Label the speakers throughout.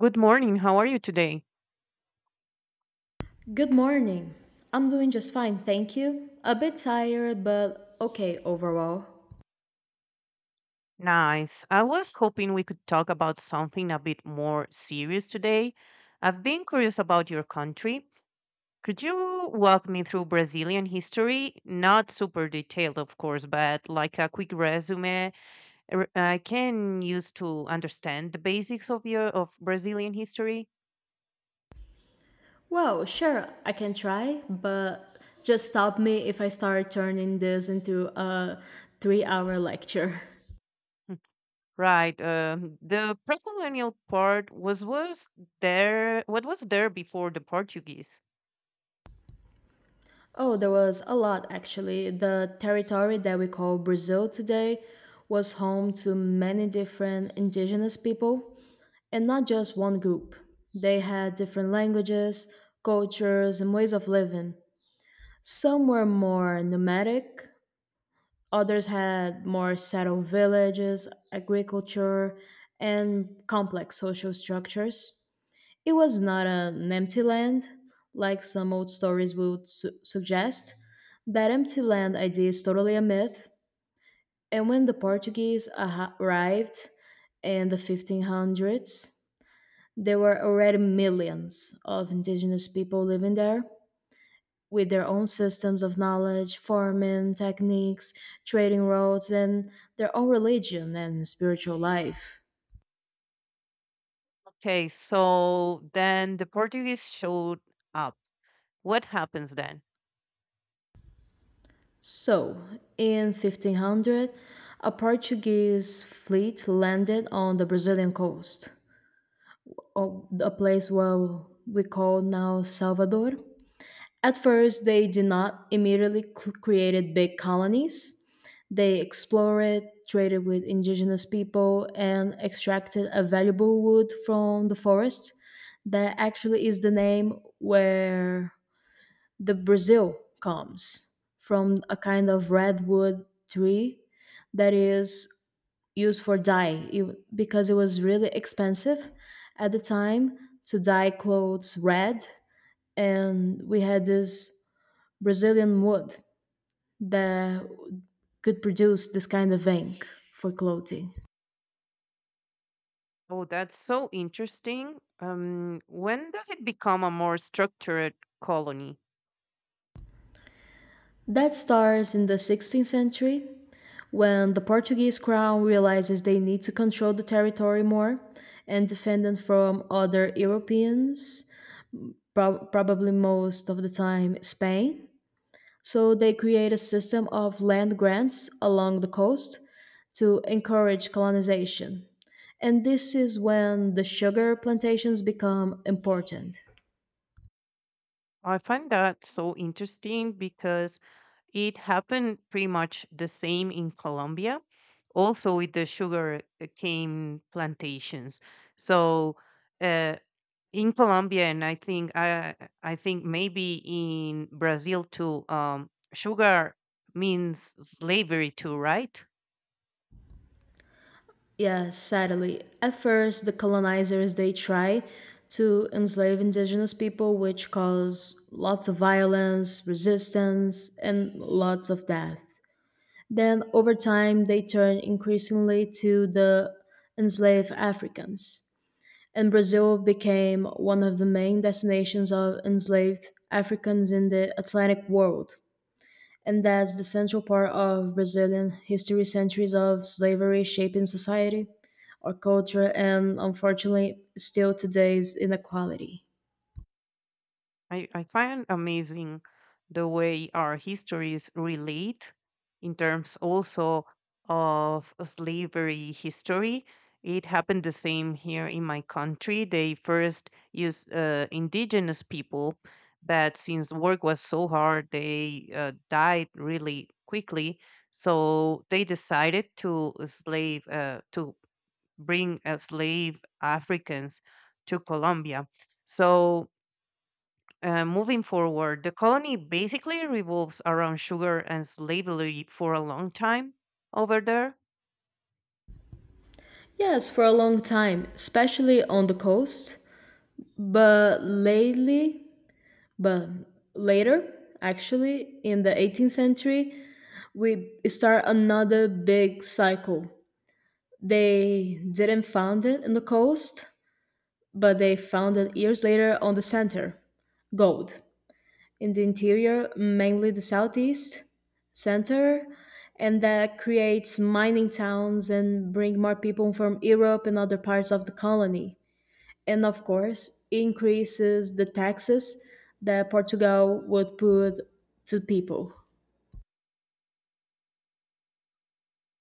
Speaker 1: Good morning. How are you today?
Speaker 2: Good morning. I'm doing just fine, thank you. A bit tired, but okay overall.
Speaker 1: Nice. I was hoping we could talk about something a bit more serious today. I've been curious about your country. Could you walk me through Brazilian history? Not super detailed, of course, but like a quick resume I can use to understand the basics of Brazilian history.
Speaker 2: Well, sure, I can try, but just stop me if I start turning this into a 3-hour lecture.
Speaker 1: Right. The pre-colonial part was there what was there before the Portuguese?
Speaker 2: Oh, there was a lot actually. The territory that we call Brazil today was home to many different indigenous people, and not just one group. They had different languages, cultures, and ways of living. Some were more nomadic, others had more settled villages, agriculture, and complex social structures. It was not an empty land, like some old stories would suggest. That empty land idea is totally a myth. And when the Portuguese arrived in the 1500s, there were already millions of indigenous people living there with their own systems of knowledge, farming techniques, trading routes, and their own religion and spiritual life.
Speaker 1: Okay, so then the Portuguese showed up. What happens then?
Speaker 2: So, in 1500, a Portuguese fleet landed on the Brazilian coast, or a place where we call now Salvador. At first, they did not immediately created big colonies. They explored, traded with indigenous people, and extracted a valuable wood from the forest. That actually is the name where the Brazil comes from, a kind of redwood tree that is used for dye, because it was really expensive at the time to dye clothes red, and we had this Brazilian wood that could produce this kind of ink for clothing.
Speaker 1: Oh, that's so interesting. When does it become a more structured colony?
Speaker 2: That starts in the 16th century when the Portuguese crown realizes they need to control the territory more and defend it from other Europeans, probably most of the time Spain. So they create a system of land grants along the coast to encourage colonization. And this is when the sugar plantations become important.
Speaker 1: I find that so interesting because it happened pretty much the same in Colombia, also with the sugar cane plantations. So, uh, in Colombia, and I think maybe in Brazil too. Sugar means slavery too, right?
Speaker 2: Yeah, sadly. At first, the colonizers they tried to enslave indigenous people, which caused lots of violence, resistance, and lots of death. Then, over time, they turned increasingly to the enslaved Africans, and Brazil became one of the main destinations of enslaved Africans in the Atlantic world, and that's the central part of Brazilian history, centuries of slavery shaping society, our culture, and unfortunately, still today's inequality.
Speaker 1: I find amazing the way our histories relate, in terms also of slavery history. It happened the same here in my country. They first used indigenous people, but since work was so hard, they died really quickly. So they decided to bring slave Africans to Colombia. So, moving forward, the colony basically revolves around sugar and slavery for a long time over there.
Speaker 2: Yes, for a long time, especially on the coast, but but later, actually, in the 18th century, we start another big cycle. They didn't found it in the coast, but they found it years later on the center, gold. In the interior, mainly the southeast center, and that creates mining towns and bring more people from Europe and other parts of the colony. And of course, increases the taxes that Portugal would put to people.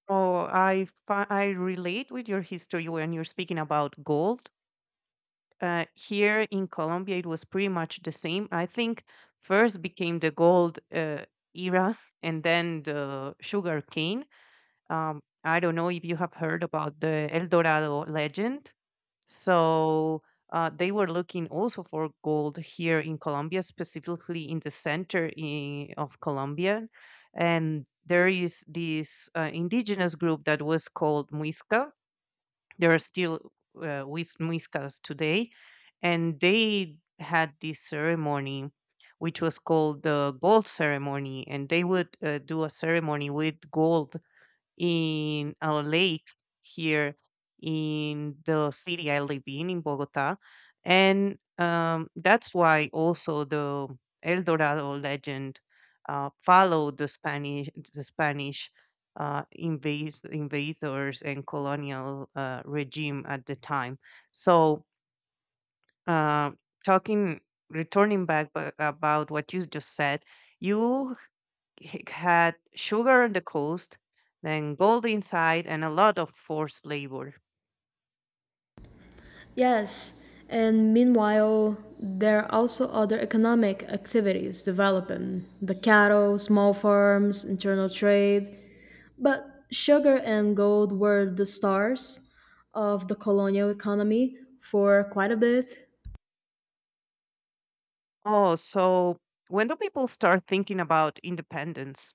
Speaker 1: Oh, I relate with your history when you're speaking about gold. Here in Colombia, it was pretty much the same. I think first became the gold era, and then the sugar cane. I don't know if you have heard about the El Dorado legend. So, they were looking also for gold here in Colombia, specifically in the center of Colombia. And there is this indigenous group that was called Muisca. There are still Muiscas today. And they had this ceremony, which was called the gold ceremony. And they would do a ceremony with gold in a lake here in the city I live in Bogota. And that's why also the El Dorado legend followed the Spanish invaders and colonial regime at the time. So, uh, talking, returning back about what you just said, you he had sugar on the coast, then gold inside, and a lot of forced labor.
Speaker 2: Yes, and meanwhile, there are also other economic activities developing, the cattle, small farms, internal trade. But sugar and gold were the stars of the colonial economy for quite a bit.
Speaker 1: Oh, so when do people start thinking about independence?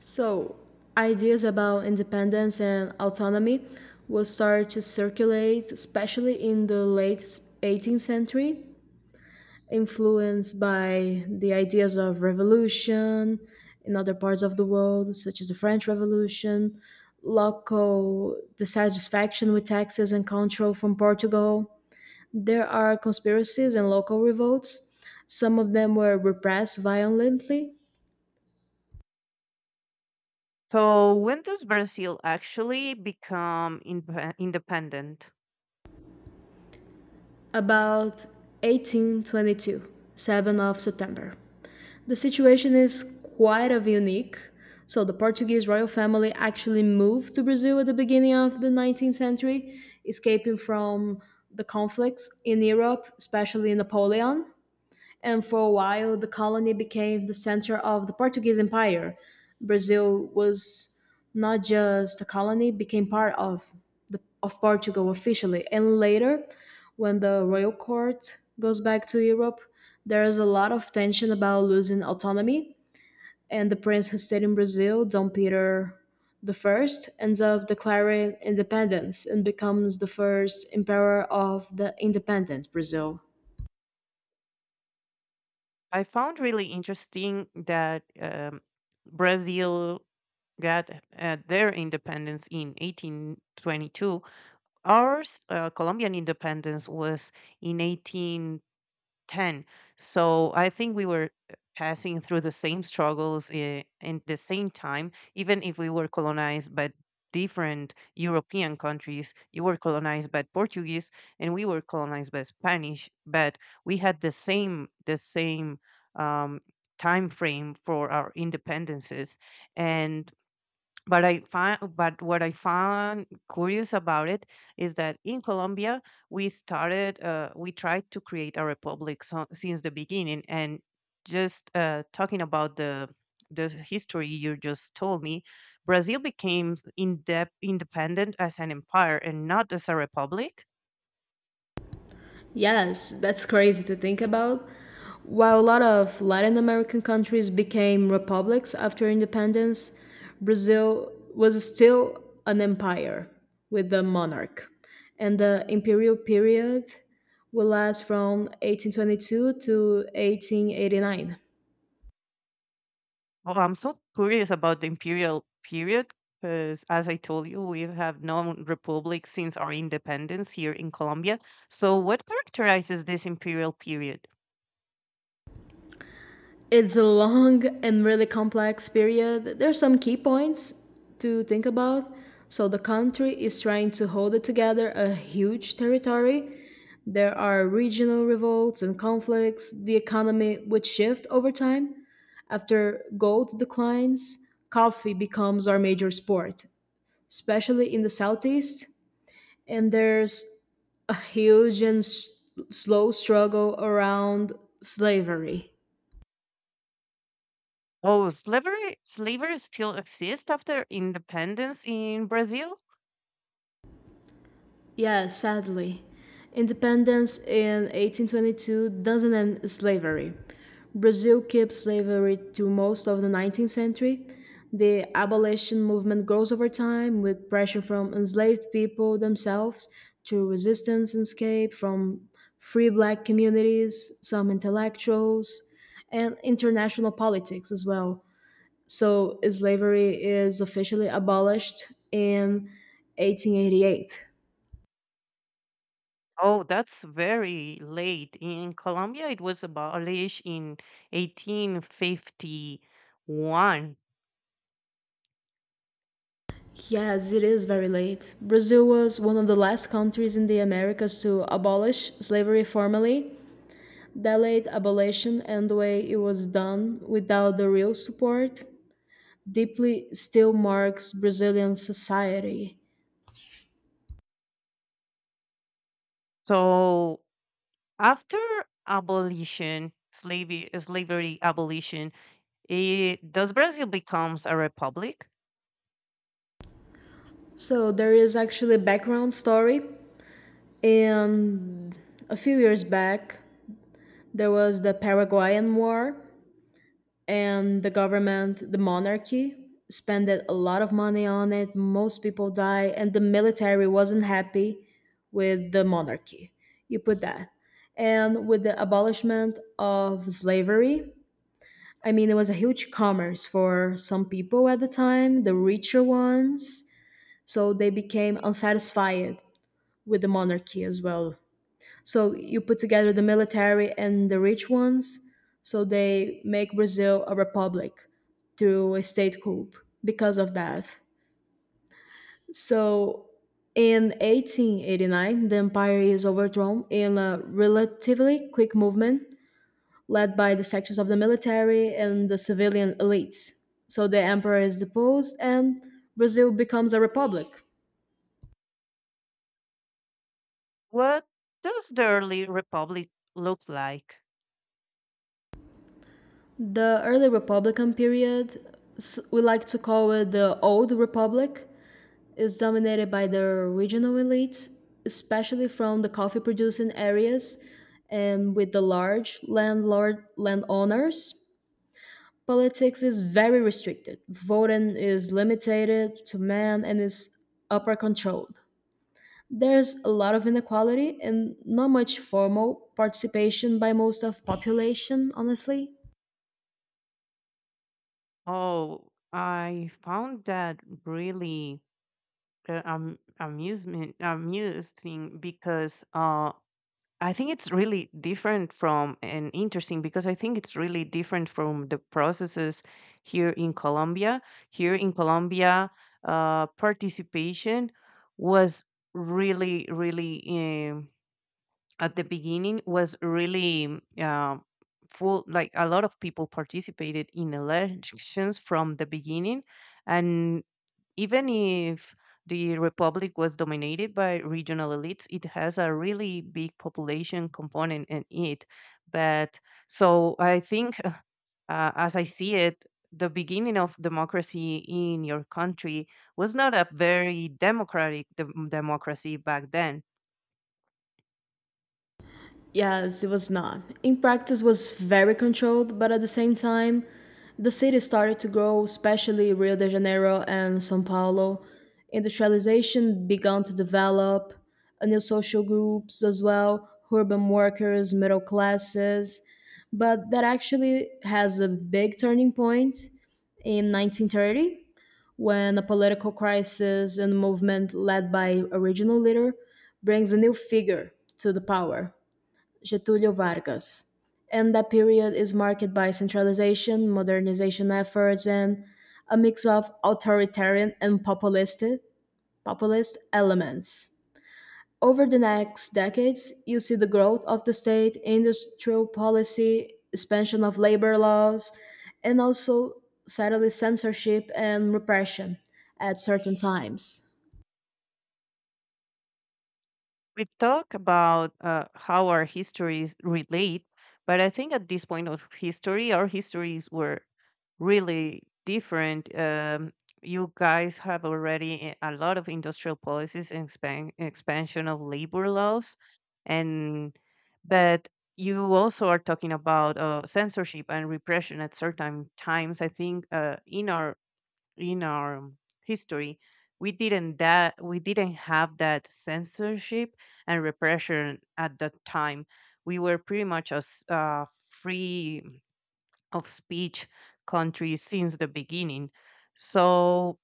Speaker 2: So, ideas about independence and autonomy will start to circulate, especially in the late 18th century, influenced by the ideas of revolution in other parts of the world, such as the French Revolution, local dissatisfaction with taxes and control from Portugal. There are conspiracies and local revolts. Some of them were repressed violently.
Speaker 1: So when does Brazil actually become independent?
Speaker 2: About 1822, 7th of September. The situation is quite of unique. So the Portuguese royal family actually moved to Brazil at the beginning of the 19th century, escaping from the conflicts in Europe, especially Napoleon, and for a while the colony became the center of the Portuguese Empire. Brazil was not just a colony, became part of of Portugal officially. And later, when the royal court goes back to Europe, there is a lot of tension about losing autonomy, and the prince who stayed in Brazil, Dom Peter the first, ends up declaring independence and becomes the first emperor of the independent Brazil.
Speaker 1: I found really interesting that Brazil got their independence in 1822. Ours, Colombian independence, was in 18 10. So I think we were passing through the same struggles in the same time, even if we were colonized by different European countries. You were colonized by Portuguese and we were colonized by Spanish, but we had the same um, time frame for our independences. And but but what I found curious about it is that in Colombia we tried to create a republic, so, since the beginning. And just talking about the history you just told me, Brazil became in depth independent as an empire and not as a republic.
Speaker 2: Yes, that's crazy to think about. While a lot of Latin American countries became republics after independence, Brazil was still an empire with a monarch. And the imperial period will last from 1822 to 1889.
Speaker 1: Well, I'm so curious about the imperial period because, as I told you, we have known republic since our independence here in Colombia. So, what characterizes this imperial period?
Speaker 2: It's a long and really complex period. There's some key points to think about. So the country is trying to hold it together, a huge territory. There are regional revolts and conflicts. The economy would shift over time. After gold declines, coffee becomes our major sport, especially in the Southeast. And there's a huge and slow struggle around slavery.
Speaker 1: Oh, slavery still exists after independence in Brazil?
Speaker 2: Yeah, sadly. Independence in 1822 doesn't end slavery. Brazil kept slavery to most of the 19th century. The abolition movement grows over time with pressure from enslaved people themselves through resistance and escape, from free black communities, some intellectuals, and international politics as well. So, slavery is officially abolished in 1888.
Speaker 1: Oh, that's very late. In Colombia, it was abolished in 1851.
Speaker 2: Yes, it is very late. Brazil was one of the last countries in the Americas to abolish slavery formally. That late abolition and the way it was done without the real support deeply still marks Brazilian society.
Speaker 1: So, after abolition, slavery abolition, does Brazil becomes a republic?
Speaker 2: So there is actually a background story. And a few years back, there was the Paraguayan War, and the government, the monarchy, spent a lot of money on it. Most people die, and the military wasn't happy with the monarchy. You put that. And with the abolishment of slavery, I mean, it was a huge commerce for some people at the time, the richer ones. So they became unsatisfied with the monarchy as well. So you put together the military and the rich ones, so they make Brazil a republic through a state coup because of that. So in 1889, the empire is overthrown in a relatively quick movement led by the sections of the military and the civilian elites. So the emperor is deposed and Brazil becomes a republic.
Speaker 1: What does the early republic look like?
Speaker 2: The early republican period, we like to call it the Old Republic, is dominated by the regional elites, especially from the coffee producing areas and with the large landlord landowners. Politics is very restricted. Voting is limited to men and is upper controlled. There's a lot of inequality and not much formal participation by most of population, honestly.
Speaker 1: Oh, I found that really amusement amusing, because I think it's really different from and interesting, because I think it's really different from the processes here in Colombia. Here in Colombia, participation was, really, really. um. At the beginning was really full, like a lot of people participated in elections from the beginning. And even if the republic was dominated by regional elites, it has a really big population component in it. But so I think, as I see it, the beginning of democracy in your country was not a very democratic democracy back then.
Speaker 2: Yes, it was not. In practice was very controlled, but at the same time, the city started to grow, especially Rio de Janeiro and São Paulo. Industrialization began to develop, new social groups as well, urban workers, middle classes. But that actually has a big turning point in 1930 when a political crisis and movement led by original leader brings a new figure to the power, Getulio Vargas. And that period is marked by centralization, modernization efforts, and a mix of authoritarian and populist elements. Over the next decades, you see the growth of the state, industrial policy, expansion of labor laws, and also subtle censorship and repression at certain times.
Speaker 1: We talk about how our histories relate, but I think at this point of history, our histories were really different. You guys have already a lot of industrial policies and expansion of labor laws, and but you also are talking about censorship and repression at certain times. I think in our in our um, history, we didn't that we didn't have that censorship and repression at that time. We were pretty much as free of speech country since the beginning. So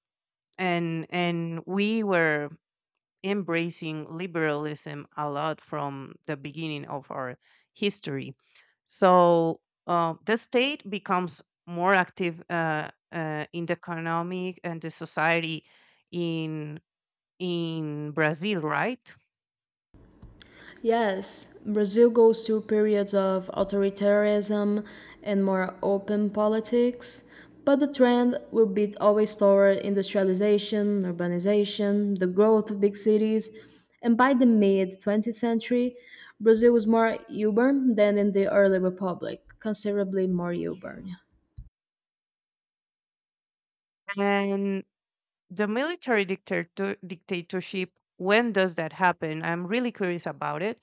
Speaker 1: and we were embracing liberalism a lot from the beginning of our history. So, the state becomes more active, in the economic and the society in in Brazil, right?
Speaker 2: Yes, Brazil goes through periods of authoritarianism and more open politics, but the trend will be always toward industrialization, urbanization, the growth of big cities, and by the mid 20th century, Brazil was more urban than in the early republic, considerably more urban.
Speaker 1: And the military dictatorship. When does that happen? I'm really curious about it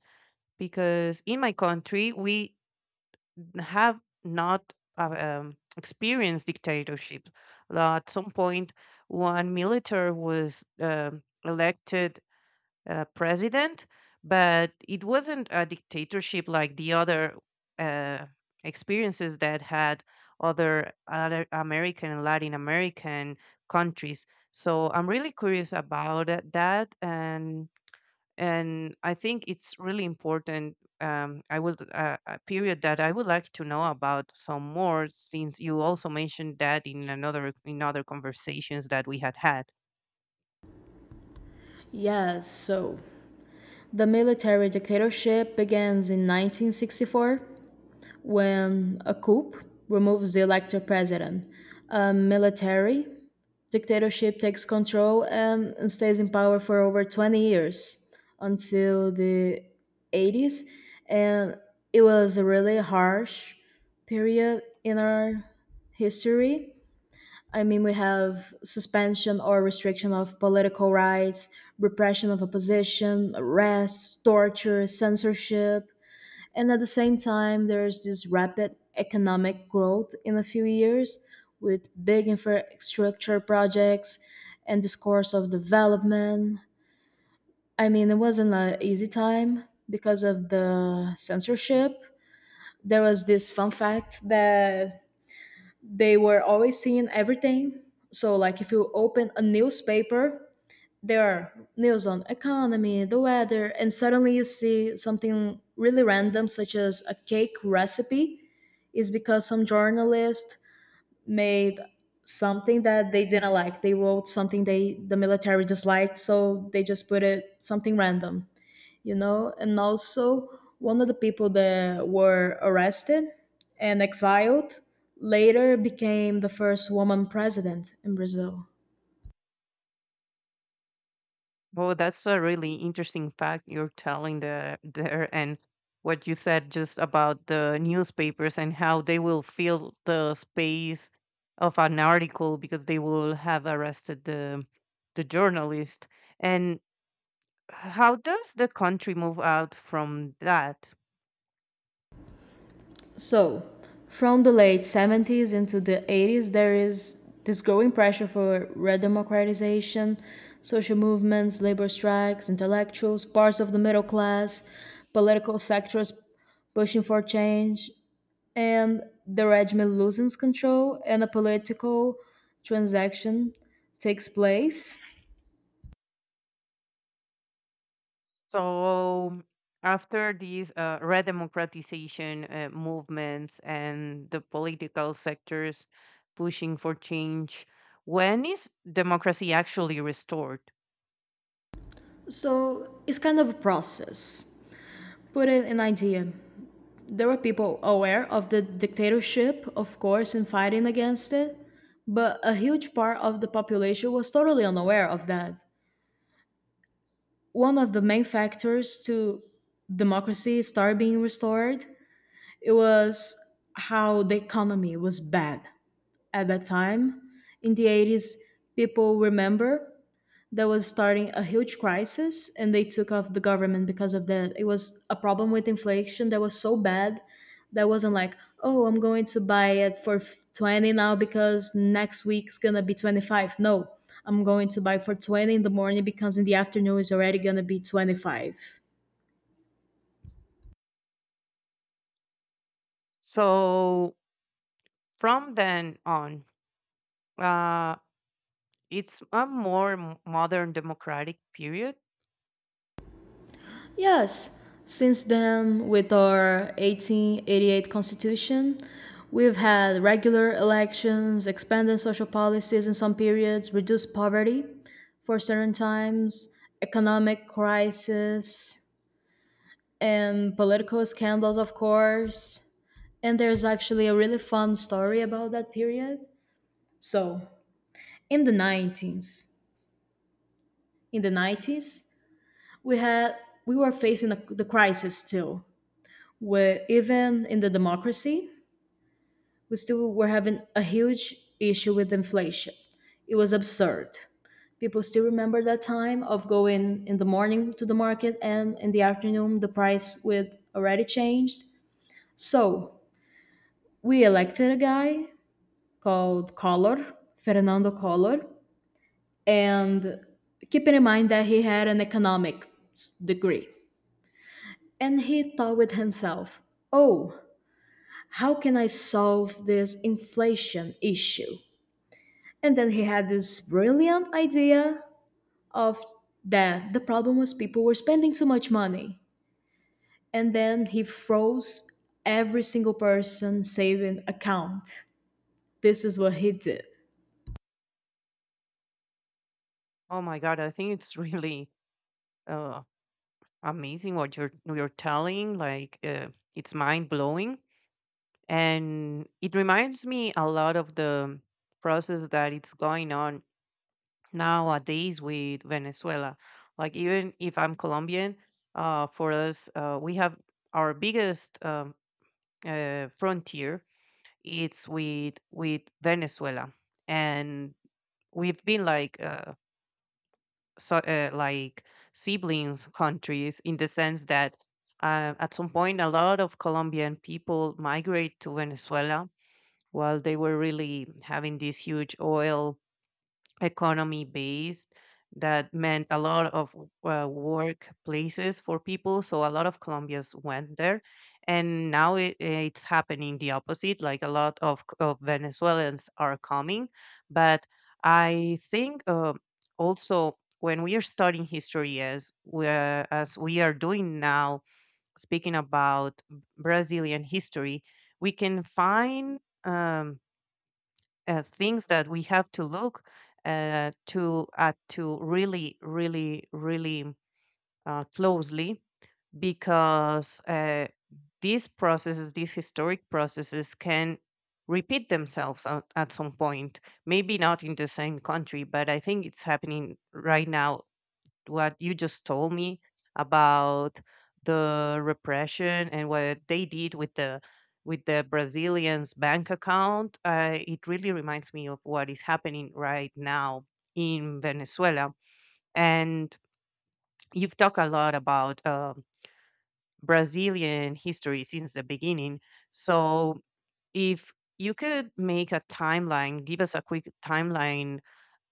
Speaker 1: because in my country we have not experienced dictatorship. At some point, one military was elected president, but it wasn't a dictatorship like the other uh, experiences that had other American and Latin American countries. So I'm really curious about that, and I think it's really important. I would a period that I would like to know about some more, since you also mentioned that in other conversations that we had had.
Speaker 2: Yes, so the military dictatorship begins in 1964 when a coup removes the elected president. A military dictatorship takes control and stays in power for over 20 years until the 80s. And it was a really harsh period in our history. I mean, we have suspension or restriction of political rights, repression of opposition, arrests, torture, censorship, and at the same time, there's this rapid economic growth in a few years with big infrastructure projects and this course of development. I mean, it wasn't an easy time because of the censorship. There was this fun fact that they were always seeing everything. So, like, if you open a newspaper, there are news on economy, the weather, and suddenly you see something really random, such as a cake recipe, is because some journalist made something that they didn't like. They wrote something they the military disliked, so they just put it something random. And also, one of the people that were arrested and exiled later became the first woman president in Brazil.
Speaker 1: Oh, that's a really interesting fact you're telling there, and what you said just about the newspapers and how they will fill the space of an article because they will have arrested the journalist. And how does the country move out from that?
Speaker 2: So, from the late 70s into the 80s, there is this growing pressure for redemocratization, social movements, labor strikes, intellectuals, parts of the middle class, political sectors pushing for change, and the regime loses control, and a political transaction takes place.
Speaker 1: So after these redemocratization movements and the political sectors pushing for change, when is democracy actually restored?
Speaker 2: So, it's kind of a process. Put in an idea. There were people aware of the dictatorship, of course, and fighting against it, but a huge part of the population was totally unaware of that. One of the main factors to democracy start being restored, it was how the economy was bad at that time. In the 80s, people remember that was starting a huge crisis and they took off the government because of that. It was a problem with inflation that was so bad, that wasn't like, oh, I'm going to buy it for 20 now because next week's gonna be 25, no, I'm going to buy for 20 in the morning because in the afternoon it's already gonna be 25.
Speaker 1: So from then on, uh, it's a more modern democratic period.
Speaker 2: Yes, since then, with our 1888 Constitution, we've had regular elections, expanded social policies in some periods, reduced poverty for certain times, economic crisis, and political scandals, of course. And there's actually a really fun story about that period. So, in the 90s, in the 90s, we had we were facing the crisis still, where even in the democracy, we still were having a huge issue with inflation. It was absurd. People still remember that time of going in the morning to the market and in the afternoon the price would already changed. So we elected a guy called Collor, Fernando Collor, and keeping in mind that he had an economics degree. And he thought with himself, oh, how can I solve this inflation issue? And then he had this brilliant idea of that the problem was people were spending too much money. And then he froze every single person saving account. This is what he did.
Speaker 1: Oh my god, I think it's really uh, amazing what you're telling. Like it's mind blowing, and it reminds me a lot of the process that it's going on nowadays with Venezuela. Like even if I'm Colombian, for us, we have our biggest frontier. It's with Venezuela, and we've been like so, like siblings countries, in the sense that at some point a lot of Colombian people migrate to Venezuela while they were really having this huge oil economy base that meant a lot of work places for people. So a lot of Colombians went there. And now it's happening the opposite. Like a lot of Venezuelans are coming. But I think also when we are studying history as we are doing now, speaking about Brazilian history, we can find. Um, things that we have to look to really, really, really closely, because these processes, these historic processes, can repeat themselves at some point. Maybe not in the same country, but I think it's happening right now what you just told me about the repression and what they did with the Brazilians' bank account. It really reminds me of what is happening right now in Venezuela. And you've talked a lot about Brazilian history since the beginning. So, if you could make a timeline, give us a quick timeline,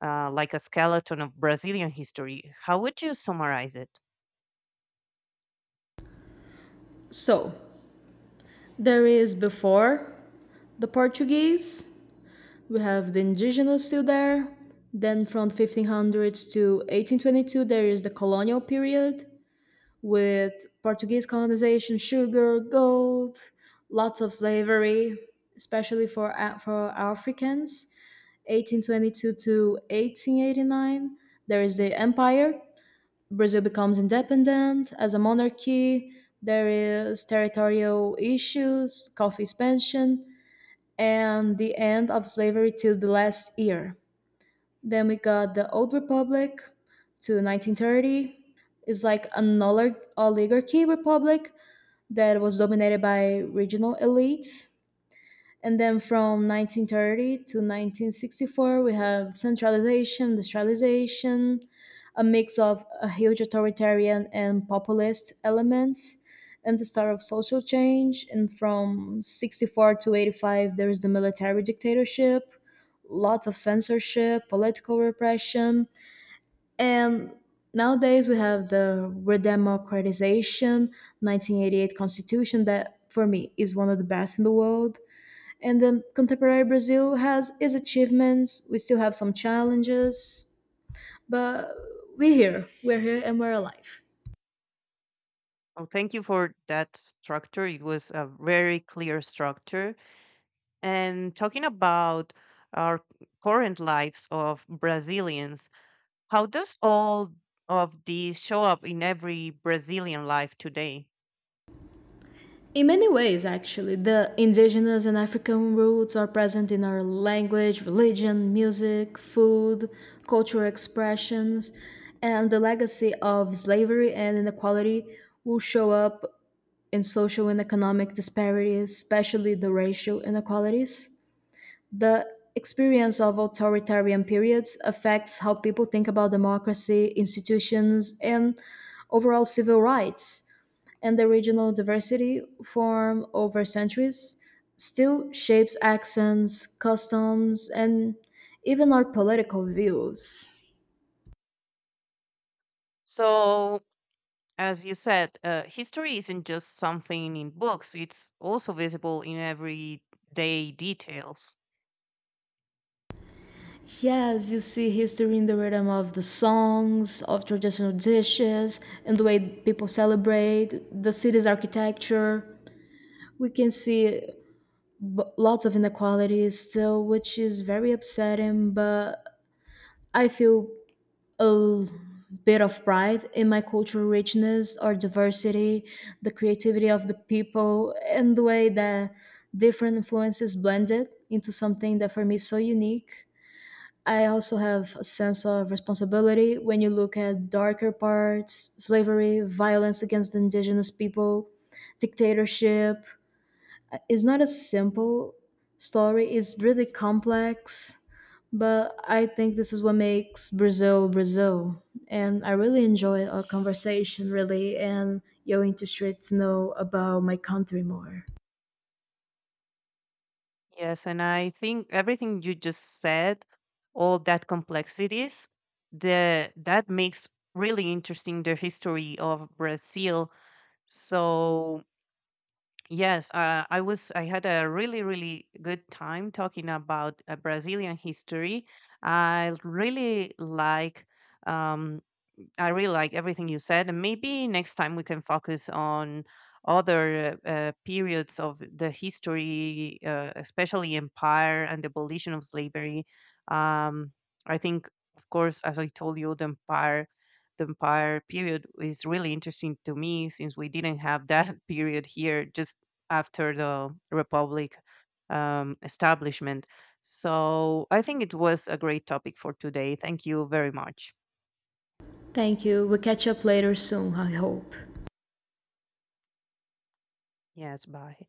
Speaker 1: like a skeleton of Brazilian history, how would you summarize it?
Speaker 2: So there is, before the Portuguese, we have the indigenous still there. Then from 1500s to 1822, there is the colonial period, with Portuguese colonization, sugar, gold, lots of slavery, especially for for Africans. 1822 to 1889, there is the empire. Brazil becomes independent as a monarchy. There is territorial issues, coffee expansion, and the end of slavery till the last year. Then we got the Old Republic to 1930. It's like an oligarchy republic that was dominated by regional elites. And then from 1930 to 1964, we have centralization, decentralization, a mix of a huge authoritarian and populist elements, and the start of social change. And from 64 to 85, there is the military dictatorship, lots of censorship, political repression, and nowadays we have the redemocratization, 1988 constitution that for me is one of the best in the world. And then contemporary Brazil has its achievements. We still have some challenges, but we're here. We're here and we're alive.
Speaker 1: Oh, thank you for that structure. It was a very clear structure. And talking about our current lives of Brazilians, how does all of these show up in every Brazilian life today?
Speaker 2: In many ways, actually, the indigenous and African roots are present in our language, religion, music, food, cultural expressions, and the legacy of slavery and inequality will show up in social and economic disparities, especially the racial inequalities. The experience of authoritarian periods affects how people think about democracy, institutions, and overall civil rights, and the regional diversity formed over centuries still shapes accents, customs, and even our political views.
Speaker 1: So, as you said, history isn't just something in books, it's also visible in everyday details.
Speaker 2: Yes, you see history in the rhythm of the songs, of traditional dishes, and the way people celebrate, the city's architecture. We can see lots of inequalities still, which is very upsetting, but I feel a bit of pride in my cultural richness or diversity, the creativity of the people, and the way that different influences blended into something that for me is so unique. I also have a sense of responsibility when you look at darker parts, slavery, violence against indigenous people, dictatorship. It's not a simple story, it's really complex, but I think this is what makes Brazil Brazil. And I really enjoyed our conversation, really, and you're interested to know about my country more.
Speaker 1: Yes, and I think everything you just said, all that complexities, the that makes really interesting the history of Brazil. So, yes, I was. I had a really, really good time talking about Brazilian history. I really um, I really like everything you said, and maybe next time we can focus on other periods of the history, especially empire and the abolition of slavery. Um, I think, of course, as I told you, the empire period is really interesting to me since we didn't have that period here just after the republic establishment. So I think it was a great topic for today. Thank you very much.
Speaker 2: Thank you. We'll catch up later soon, I hope.
Speaker 1: Yes, bye.